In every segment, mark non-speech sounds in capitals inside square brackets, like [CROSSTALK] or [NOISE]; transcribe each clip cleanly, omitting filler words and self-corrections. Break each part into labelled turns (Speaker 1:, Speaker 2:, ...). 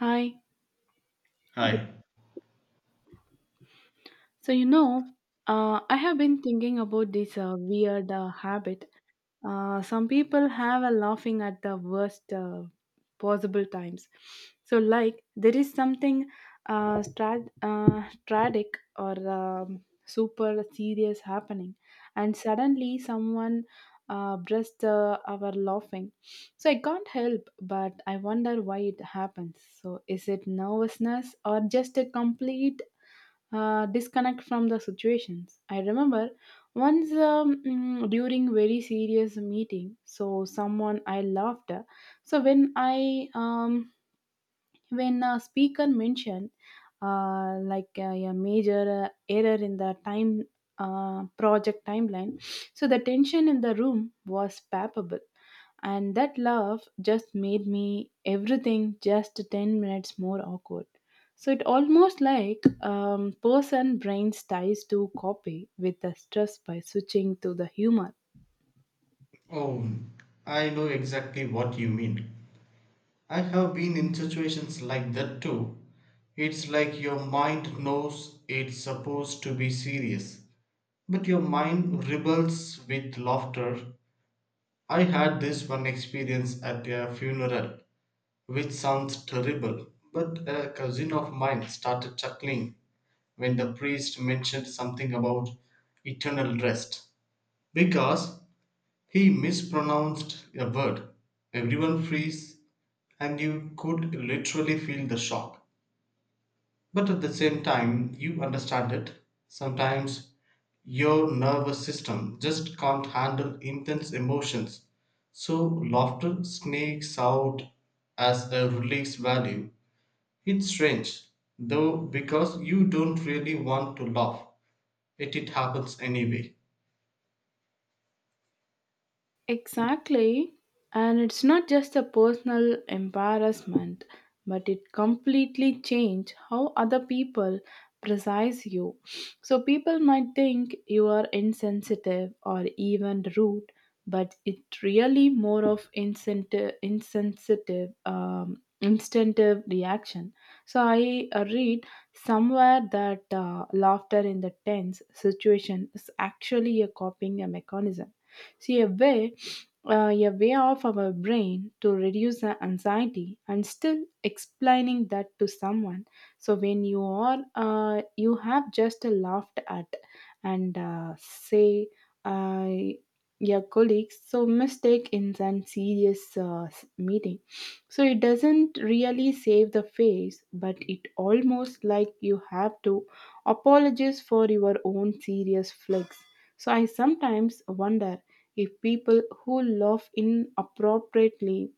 Speaker 1: Hi. Good-
Speaker 2: Hi.
Speaker 1: So, you know, I have been thinking about this weird habit. Some people have a laughing at the worst possible times. There is something tragic or super serious happening, and suddenly someone bursts our laughing. So, I can't help but I wonder why it happens. So, is it nervousness or just a complete disconnect from the situations. I remember once during very serious meeting, so someone I loved. So when I when a speaker mentioned uh, like uh, a major error in the time project timeline, so the tension in the room was palpable and that laugh just made me everything just 10 minutes more awkward so it almost like person brains tries to copy with the stress by switching to the humor.
Speaker 2: Oh, I know exactly what you mean. I have been in situations like that too. It's like your mind knows it's supposed to be serious, but your mind rebels with laughter. I had this one experience at a funeral, which sounds terrible, but a cousin of mine started chuckling when the priest mentioned something about eternal rest because he mispronounced a word. Everyone freeze and you could literally feel the shock. But at the same time, you understand it. Sometimes your nervous system just can't handle intense emotions. So laughter sneaks out as a release value. It's strange, though, because you don't really want to laugh, yet it happens anyway.
Speaker 1: Exactly. And it's not just a personal embarrassment, but it completely changes how other people precise you. So people might think you are insensitive or even rude, but it really more of instinctive reaction. So I read somewhere that laughter in the tense situation is actually a coping mechanism. See a way of our brain to reduce the anxiety and still explaining that to someone so when you are you have just laughed at and say uh, your colleagues so mistake in some serious meeting so it doesn't really save the face but it almost like you have to apologize for your own serious flex so I sometimes wonder if people who laugh inappropriately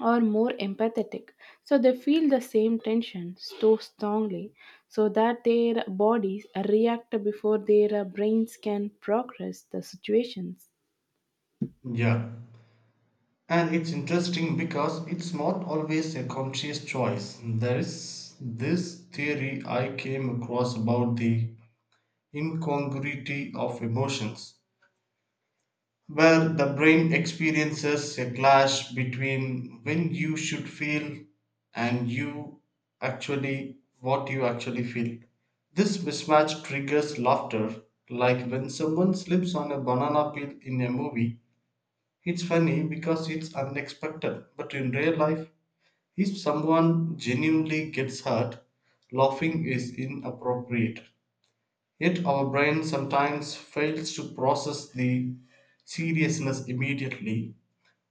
Speaker 1: are more empathetic. So they feel the same tension so strongly so that their bodies react before their brains can process the situations.
Speaker 2: Yeah. And it's interesting because it's not always a conscious choice. There's this theory I came across about the incongruity of emotions, where the brain experiences a clash between when you should feel and you actually what you actually feel. This mismatch triggers laughter, like when someone slips on a banana peel in a movie. It's funny because it's unexpected, but in real life, if someone genuinely gets hurt, laughing is inappropriate. Yet our brain sometimes fails to process the seriousness immediately.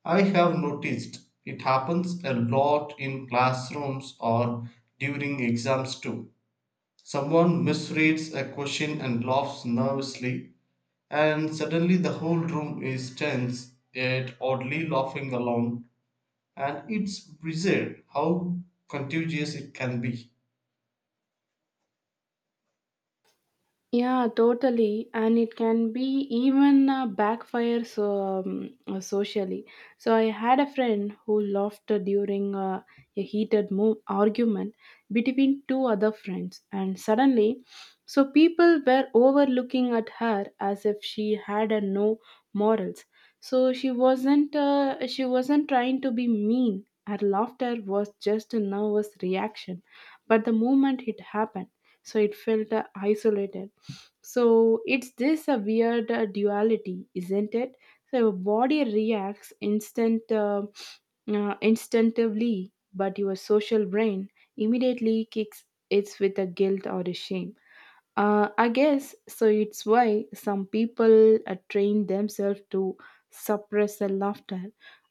Speaker 2: I have noticed it happens a lot in classrooms or during exams too. Someone misreads a question and laughs nervously, and suddenly the whole room is tense, yet oddly laughing along. And it's bizarre how contagious it can be.
Speaker 1: Yeah, totally. And it can be even backfire so socially. So I had a friend who laughed during a heated argument between two other friends, and suddenly, so people were overlooking at her as if she had a no morals. So she wasn't. She wasn't trying to be mean. Her laughter was just a nervous reaction, but the moment it happened, so it felt isolated so it's this a weird duality, isn't it? So your body reacts instinctively, but your social brain immediately kicks it with a guilt or a shame. I guess so. It's why some people train themselves to suppress the laughter,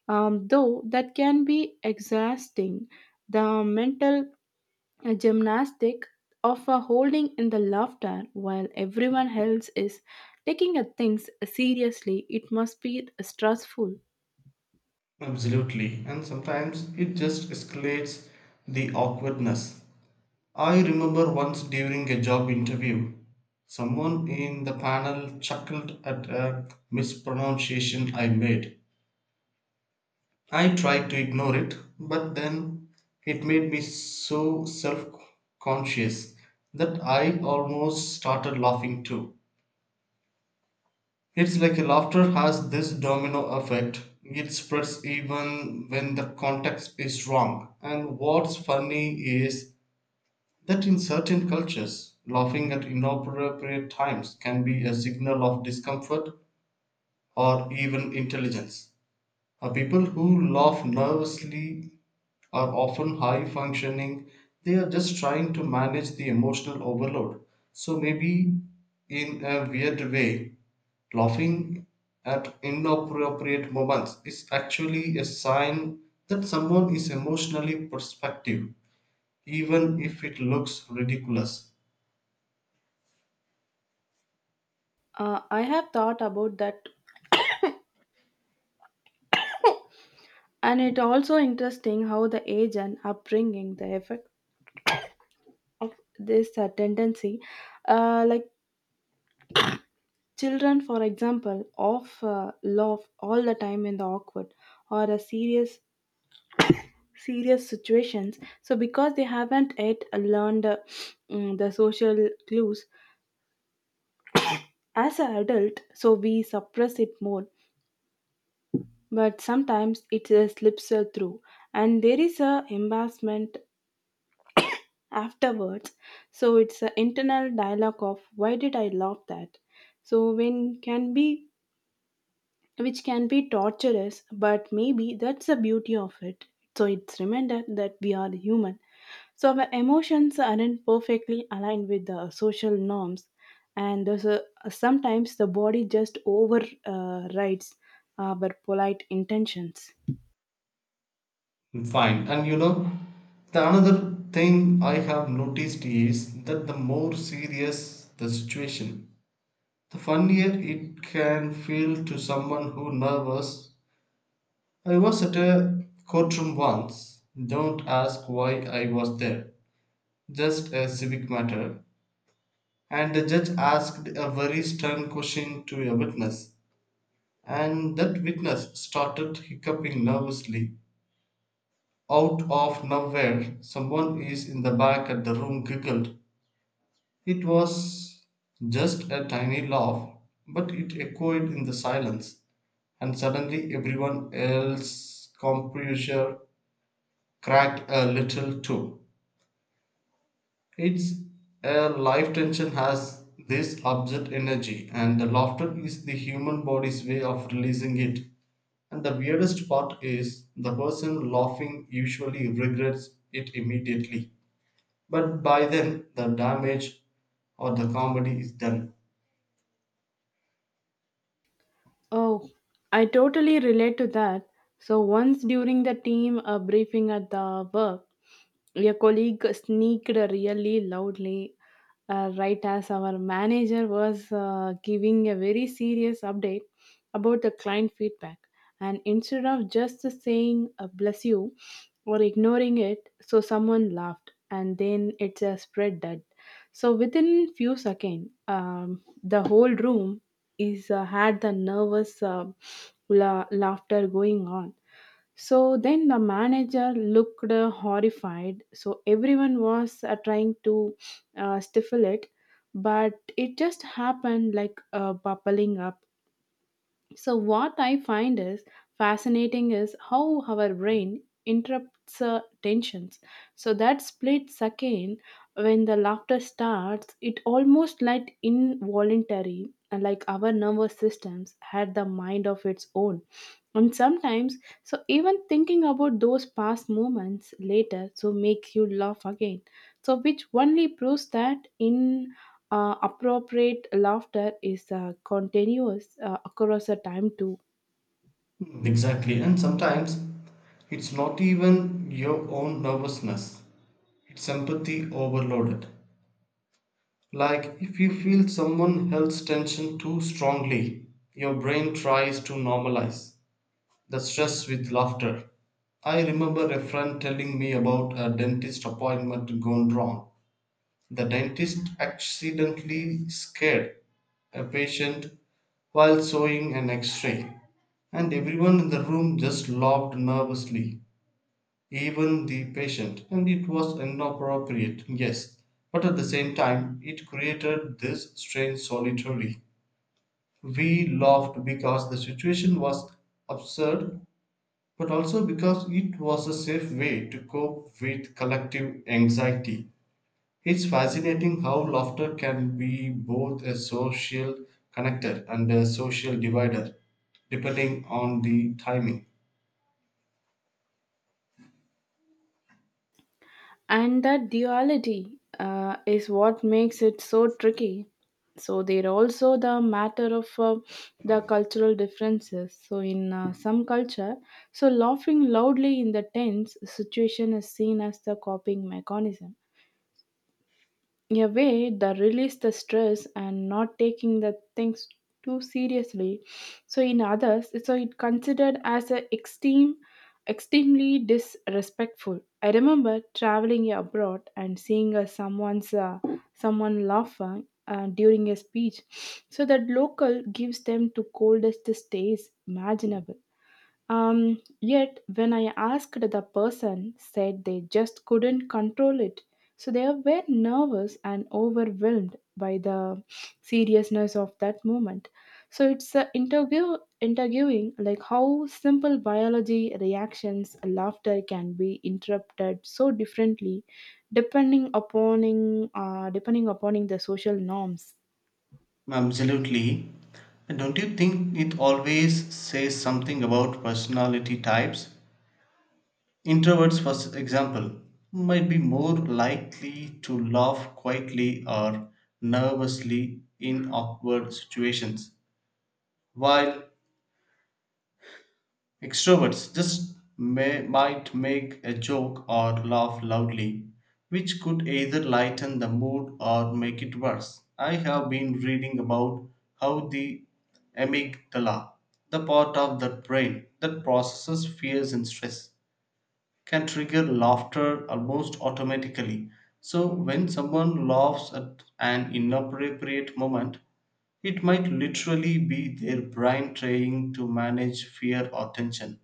Speaker 1: though that can be exhausting. The mental a gymnastic of a holding in the laughter while everyone else is taking a things seriously it must be stressful.
Speaker 2: Absolutely, and sometimes it just escalates the awkwardness. I remember once during a job interview someone in the panel chuckled at a mispronunciation I made. I tried to ignore it, but then it made me so self-conscious that I almost started laughing too. It's like laughter has this domino effect. It spreads even when the context is wrong. And what's funny is that in certain cultures, laughing at inappropriate times can be a signal of discomfort or even intelligence. People who laugh nervously are often high functioning, they are just trying to manage the emotional overload. So, maybe in a weird way, laughing at inappropriate moments is actually a sign that someone is emotionally perspective, even if it looks ridiculous.
Speaker 1: I have thought about that and it also interesting how the age and upbringing the effect of this tendency like children for example of laugh all the time in the awkward or a serious situations so because they haven't yet learned the social clues as an adult so we suppress it more but sometimes it slips through and there is a embarrassment afterwards so it's an internal dialogue of why did I love that so when can be which can be torturous but maybe that's the beauty of it so it's reminder that we are human. So our emotions aren't perfectly aligned with the social norms, and thus, sometimes the body just overrides rides our polite intentions.
Speaker 2: Fine. And you know, the another thing I have noticed is that the more serious the situation, the funnier it can feel to someone who nervous. I was at a courtroom once. Don't ask why I was there. Just a civic matter. And the judge asked a very stern question to a witness, and that witness started hiccuping nervously. Out of nowhere, someone is in the back of the room giggled. It was just a tiny laugh, but it echoed in the silence, and suddenly everyone else's composure cracked a little too. It's a life tension has this absurd energy, and the laughter is the human body's way of releasing it. And the weirdest part is the person laughing usually regrets it immediately. But by then, the damage or the comedy is done.
Speaker 1: Oh, I totally relate to that. So, once during the team briefing at the work, a colleague sneaked really loudly right as our manager was giving a very serious update about the client feedback. And instead of just saying bless you or ignoring it, so someone laughed and then it's a spread that. So, within few seconds, the whole room is had the nervous laughter going on so then the manager looked horrified so everyone was trying to stifle it but it just happened like bubbling up so, what I find is fascinating is how our brain interrupts tensions. So, that split second when the laughter starts, it almost like involuntary, and like our nervous systems had the mind of its own. And sometimes, so even thinking about those past moments later, so makes you laugh again. So, which only proves that in appropriate laughter is continuous across a time too.
Speaker 2: Mm, exactly. And sometimes it's not even your own nervousness, it's empathy overloaded. Like if you feel someone else's tension too strongly, your brain tries to normalize the stress with laughter. I remember a friend telling me about a dentist appointment gone wrong. The dentist accidentally scared a patient while sewing an x ray, and everyone in the room just laughed nervously, even the patient, and it was inappropriate, yes, but at the same time it created this strange solitarily. We laughed because the situation was absurd, but also because it was a safe way to cope with collective anxiety. It's fascinating how laughter can be both a social connector and a social divider, depending on the timing.
Speaker 1: And that duality is what makes it so tricky. So there are also the matter of the cultural differences. So in some culture, so laughing loudly in the tense situation is seen as the coping mechanism. In a way, that release the stress and not taking the things too seriously. So in others, so it considered as a extremely disrespectful. I remember traveling abroad and seeing someone laughing during a speech. So that local gives them to coldest stays imaginable. Yet when I asked the person said they just couldn't control it. So they were nervous and overwhelmed by the seriousness of that moment. So it's interviewing like how simple biology reactions laughter can be interrupted so differently depending upon in the social norms.
Speaker 2: Absolutely. And don't you think it always says something about personality types? Introverts, for example, might be more likely to laugh quietly or nervously in awkward situations, while extroverts might make a joke or laugh loudly, which could either lighten the mood or make it worse. I have been reading about how the amygdala, the part of the brain that processes fears and stress, can trigger laughter almost automatically. So, when someone laughs at an inappropriate moment, it might literally be their brain trying to manage fear or tension.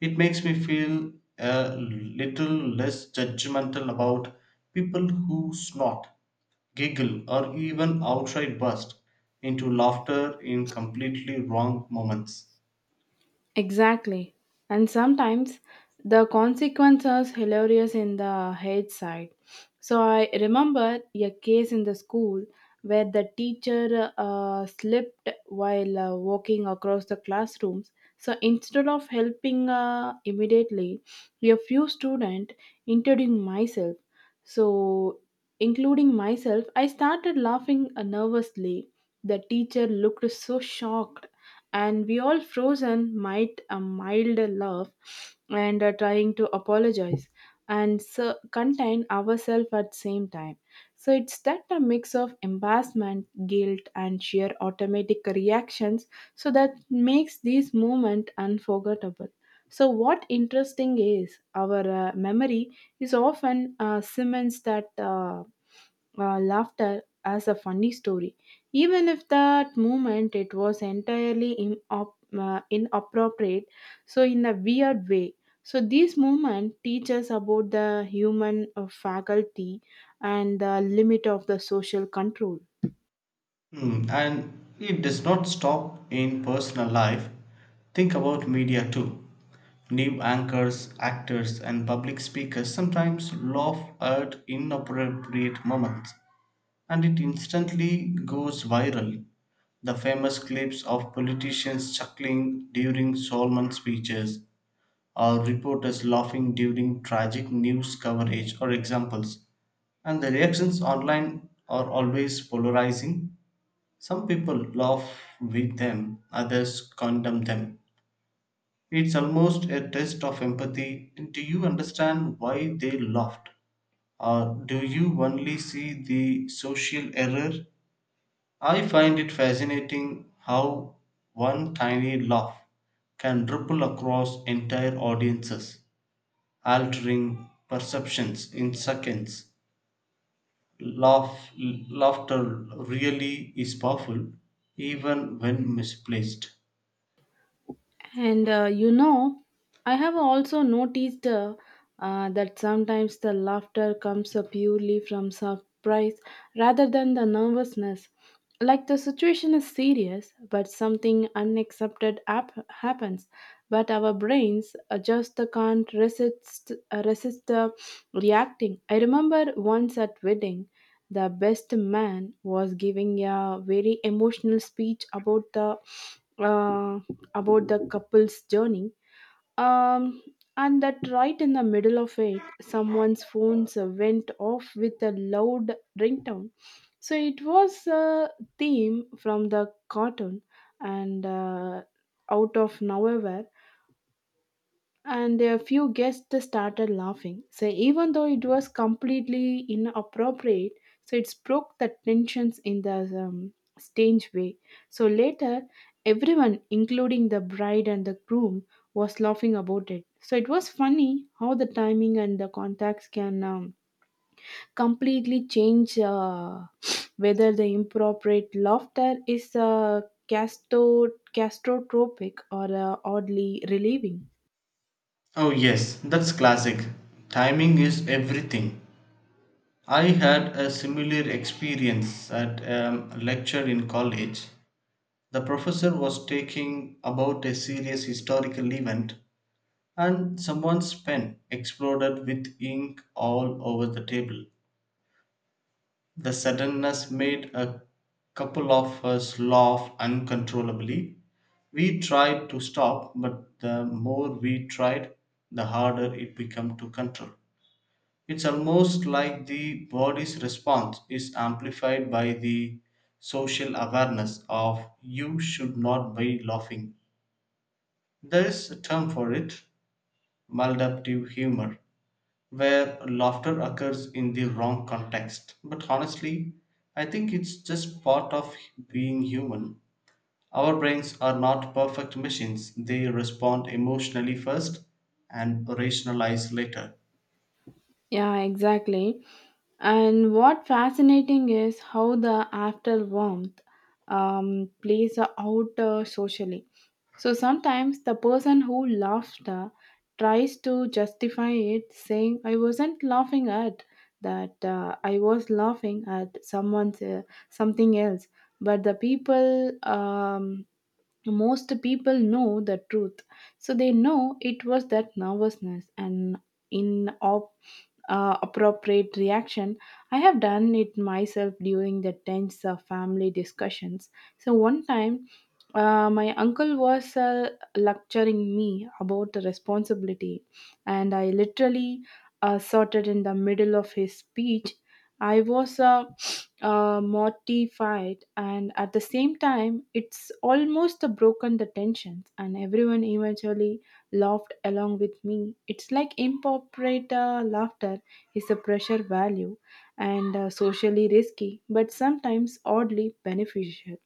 Speaker 2: It makes me feel a little less judgmental about people who snort, giggle, or even outright burst into laughter in completely wrong moments.
Speaker 1: Exactly. And sometimes the consequences hilarious in the head side. So I remember a case in the school where the teacher slipped while walking across the classrooms. So instead of helping immediately, a few students, including myself, so including myself, I started laughing nervously. The teacher looked so shocked and we all frozen might a mild laugh and are trying to apologize and so contain ourselves at same time so it's that a mix of embarrassment guilt and sheer automatic reactions so that makes this moment unforgettable so what interesting is our memory is often cements that laughter as a funny story even if that moment it was entirely in inappropriate so in a weird way so this movement teaches about the human faculty and the limit of the social control.
Speaker 2: Hmm, and it does not stop in personal life. Think about media too. New anchors, actors, and public speakers sometimes laugh at inappropriate moments and it instantly goes viral. The famous clips of politicians chuckling during solemn speeches or reporters laughing during tragic news coverage are examples. And the reactions online are always polarizing. Some people laugh with them, others condemn them. It's almost a test of empathy. Do you understand why they laughed? Or do you only see the social error? I find it fascinating how one tiny laugh can ripple across entire audiences, altering perceptions in seconds. Laughter really is powerful, even when misplaced.
Speaker 1: And uh, you know, I have also noticed that sometimes the laughter comes purely from surprise rather than the nervousness. Like the situation is serious, but something happens. But our brains just can't resist reacting. I remember once at wedding, the best man was giving a very emotional speech about the. Uh, about the couple's journey. Um, and that right in the middle of it, someone's phone went off with a loud ringtone. So it was a theme from the cartoon, and out of nowhere, and a few guests started laughing. So even though it was completely inappropriate, so it broke the tensions in the strange way. So later, everyone, including the bride and the groom, was laughing about it. So it was funny how the timing and the contacts can completely change [SNIFFS] whether the inappropriate laughter is castro- castrotropic or oddly relieving.
Speaker 2: Oh, yes, that's classic. Timing is everything. I had a similar experience at a lecture in college. The professor was taking about a serious historical event and someone's pen exploded with ink all over the table. The suddenness made a couple of us laugh uncontrollably. We tried to stop, but the more we tried, the harder it became to control. It's almost like the body's response is amplified by the social awareness of you should not be laughing. There is a term for it: maladaptive humor, where laughter occurs in the wrong context. But honestly, I think it's just part of being human. Our brains are not perfect machines, they respond emotionally first and rationalize later.
Speaker 1: Yeah, exactly. And what fascinating is how the after warmth plays out socially. So sometimes the person who laughed tries to justify it, saying, "I wasn't laughing at that. I was laughing at someone's something else." But the people, most people know the truth, so they know it was that nervousness and in op appropriate reaction. I have done it myself during the tense family discussions. So, one time, my uncle was lecturing me about the responsibility, and I literally sorted in the middle of his speech. I was mortified, and at the same time, it's almost broken the tensions, and everyone eventually laughed along with me. It's like improper laughter is a pressure value and socially risky, but sometimes oddly beneficial.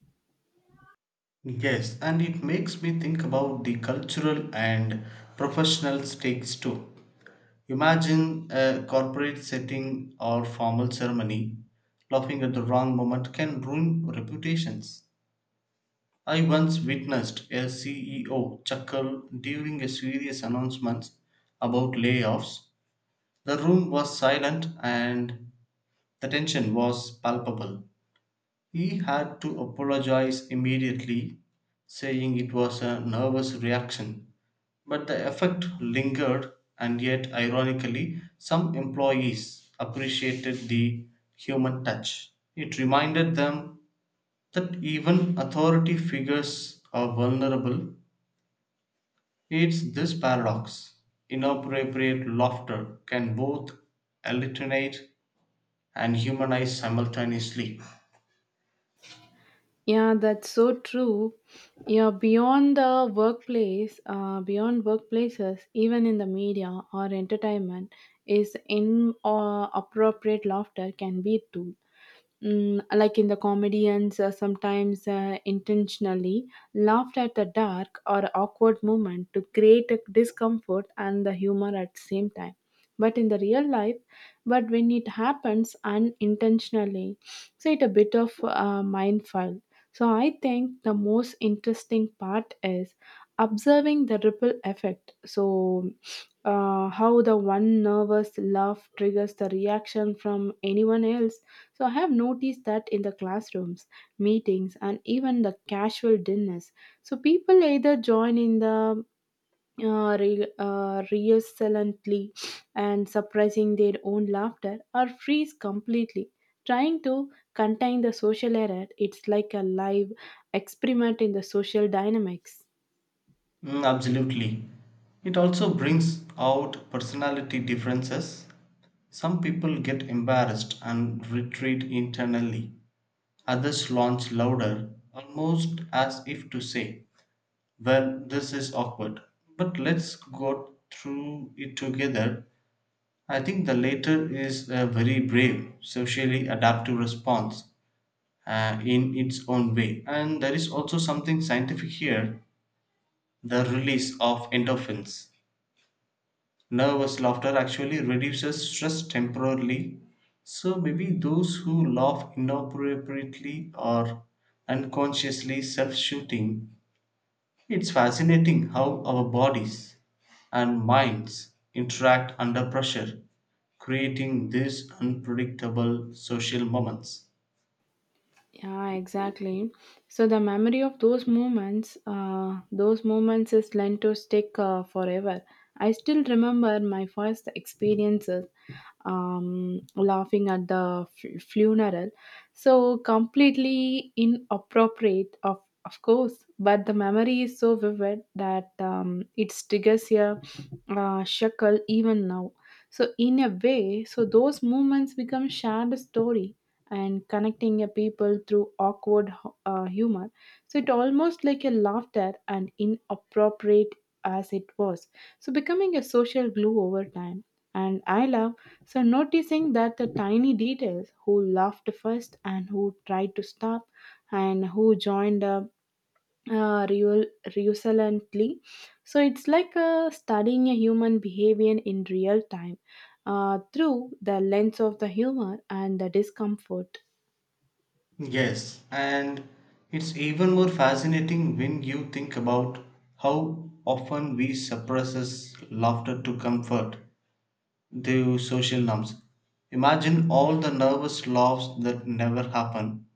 Speaker 2: Yes, and it makes me think about the cultural and professional stakes too. Imagine a corporate setting or formal ceremony. Laughing at the wrong moment can ruin reputations. I once witnessed a CEO chuckle during a serious announcement about layoffs. The room was silent and the tension was palpable. He had to apologize immediately, saying it was a nervous reaction. But the effect lingered, and yet, ironically, some employees appreciated the human touch. It reminded them that even authority figures are vulnerable. It's this paradox: inappropriate laughter can both alienate and humanize simultaneously.
Speaker 1: Yeah, that's so true. Yeah, beyond the workplace, beyond workplaces, even in the media or entertainment, is in or appropriate laughter can be too. Like in the comedians, sometimes intentionally laughed at the dark or awkward moment to create a discomfort and the humor at the same time. But in the real life, but when it happens unintentionally, so it's a bit of a mindful. So I think the most interesting part is observing the ripple effect. So how the one nervous laugh triggers the reaction from anyone else so I have noticed that in the classrooms, meetings, and even the casual dinners. So people either join in the resolutely and suppressing their own laughter or freeze completely. Trying to contain the social error, it's like a live experiment in the social dynamics.
Speaker 2: Mm, absolutely. It also brings out personality differences. Some people get embarrassed and retreat internally, others launch louder, almost as if to say, well, this is awkward, but let's go through it together. I think the latter is a very brave, socially adaptive response in its own way. And there is also something scientific here: the release of endorphins. Nervous laughter actually reduces stress temporarily. So maybe those who laugh inappropriately or unconsciously self shooting. It's fascinating how our bodies and minds interact under pressure, creating these unpredictable social moments.
Speaker 1: Yeah, exactly. So the memory of those moments, is lent to stick forever. I still remember my first experiences laughing at the funeral. So completely inappropriate, of course, but the memory is so vivid that it triggers a shackle even now. So in a way, so those moments become shared story and connecting a people through awkward humor. So it almost like a laughter and inappropriate as it was. So becoming a social glue over time. And I love so noticing that the tiny details who laughed first and who tried to stop and who joined up real resolently. So it's like studying a human behavior in real time through the lens of the humor and the discomfort.
Speaker 2: Yes, and it's even more fascinating when you think about how often we suppress laughter to comfort the social norms. Imagine all the nervous laughs that never happen,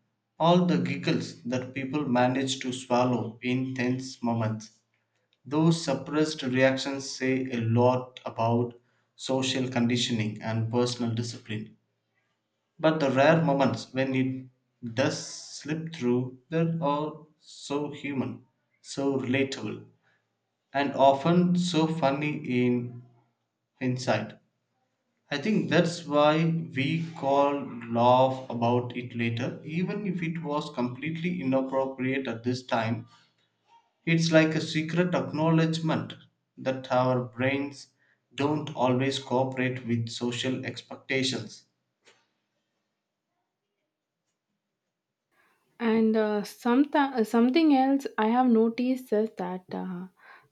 Speaker 2: all the giggles that people manage to swallow in tense moments. Those suppressed reactions say a lot about social conditioning and personal discipline. But the rare moments when it does slip through, they are so human, so relatable, and often so funny in hindsight. I think that's why we call laugh about it later, even if it was completely inappropriate at this time. It's like a secret acknowledgement that our brains don't always cooperate with social expectations.
Speaker 1: And something else I have noticed is that uh,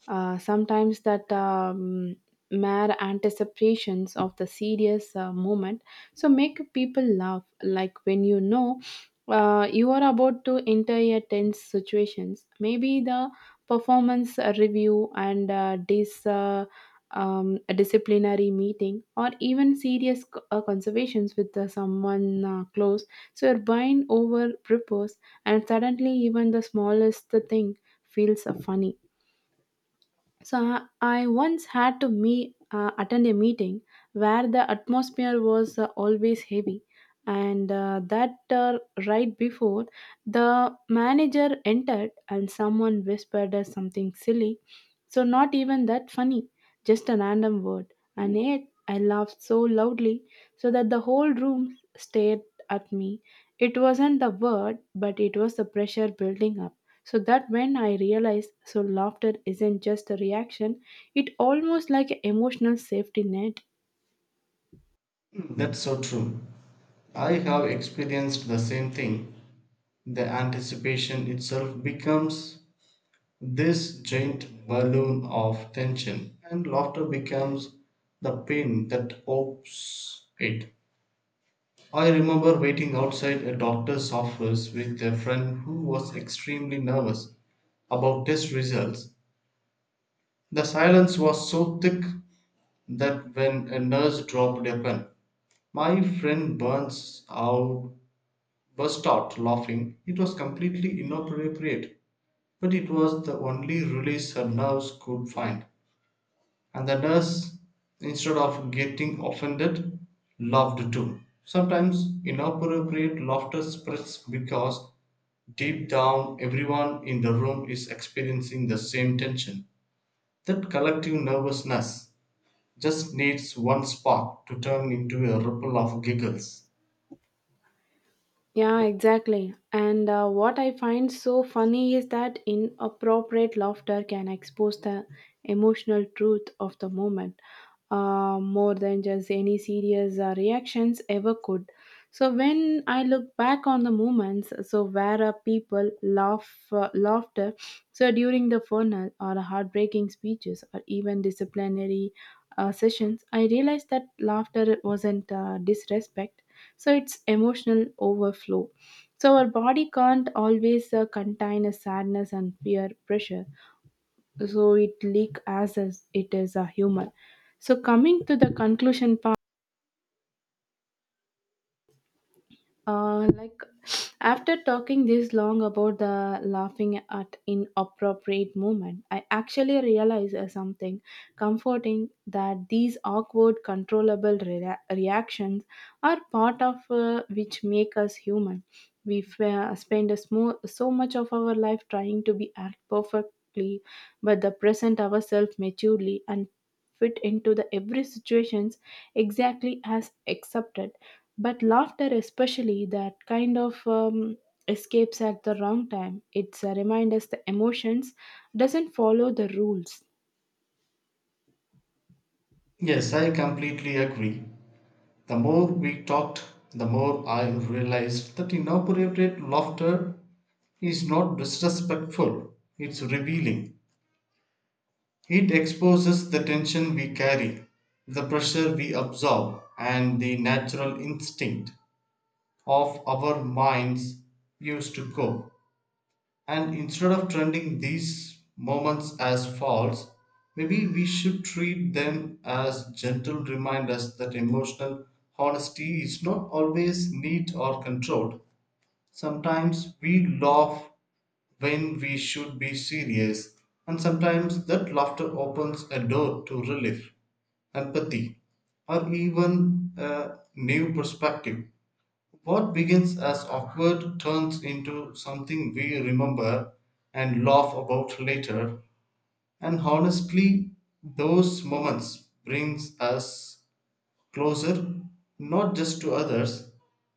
Speaker 1: uh, sometimes that mere anticipations of the serious moment so make people laugh. Like when you know you are about to enter a tense situations, maybe the performance review and this. A disciplinary meeting or even serious conversations with someone close so your mind over prepares and suddenly even the smallest thing feels funny so I once had to me attend a meeting where the atmosphere was always heavy, and that right before the manager entered, and someone whispered us something silly, so not even that funny, just a random word, and yet I laughed so loudly so that the whole room stared at me. It wasn't the word, but it was the pressure building up so that when I realized so laughter isn't just a reaction it almost like an emotional safety net.
Speaker 2: Mm, that's so true. I have experienced the same thing. The anticipation itself becomes this giant balloon of tension, and laughter becomes the pin that opens it. I remember waiting outside a doctor's office with a friend who was extremely nervous about test results. The silence was so thick that when a nurse dropped a pen, my friend burns out burst out laughing. It was completely inappropriate, but it was the only release her nerves could find. And the nurse, instead of getting offended, laughed too. Sometimes inappropriate laughter spreads because deep down, everyone in the room is experiencing the same tension. That collective nervousness just needs one spark to turn into a ripple of giggles.
Speaker 1: Yeah, exactly. And what I find so funny is that inappropriate laughter can expose the emotional truth of the moment more than just any serious reactions ever could. So when I look back on the moments, so where people laughter, so during the funeral or heartbreaking speeches or even disciplinary sessions, I realized that laughter wasn't disrespect so it's emotional overflow so our body can't always contain a sadness and peer pressure so it leak as it is a human so coming to the conclusion part uh, like after talking this long about the laughing at inappropriate moment I actually realized something comforting that these awkward controllable reactions are part of which make us human we spend a so much of our life trying to be act perfectly but the present ourselves maturely and fit into the every situations exactly as accepted but laughter especially that kind of escapes at the wrong time it's a remind us the emotions doesn't follow the rules.
Speaker 2: Yes, I completely agree. The more we talked, the more I realized that inappropriate laughter is not disrespectful, it's revealing. It exposes the tension we carry, the pressure we absorb, and the natural instinct of our minds used to go, and instead of trending these moments as faults, maybe we should treat them as gentle reminders that emotional honesty is not always neat or controlled. Sometimes we laugh when we should be serious, and sometimes that laughter opens a door to relief, empathy, or even a new perspective. What begins as awkward turns into something we remember and laugh about later, and honestly, those moments brings us closer not just to others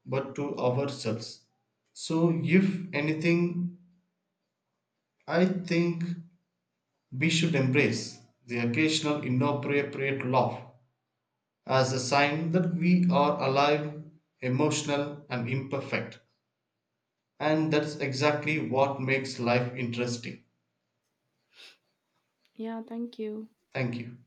Speaker 2: but to ourselves. So if anything, I think we should embrace the occasional inappropriate laugh as a sign that we are alive, emotional and imperfect. And that's exactly what makes life interesting.
Speaker 1: Yeah, thank you.
Speaker 2: Thank you.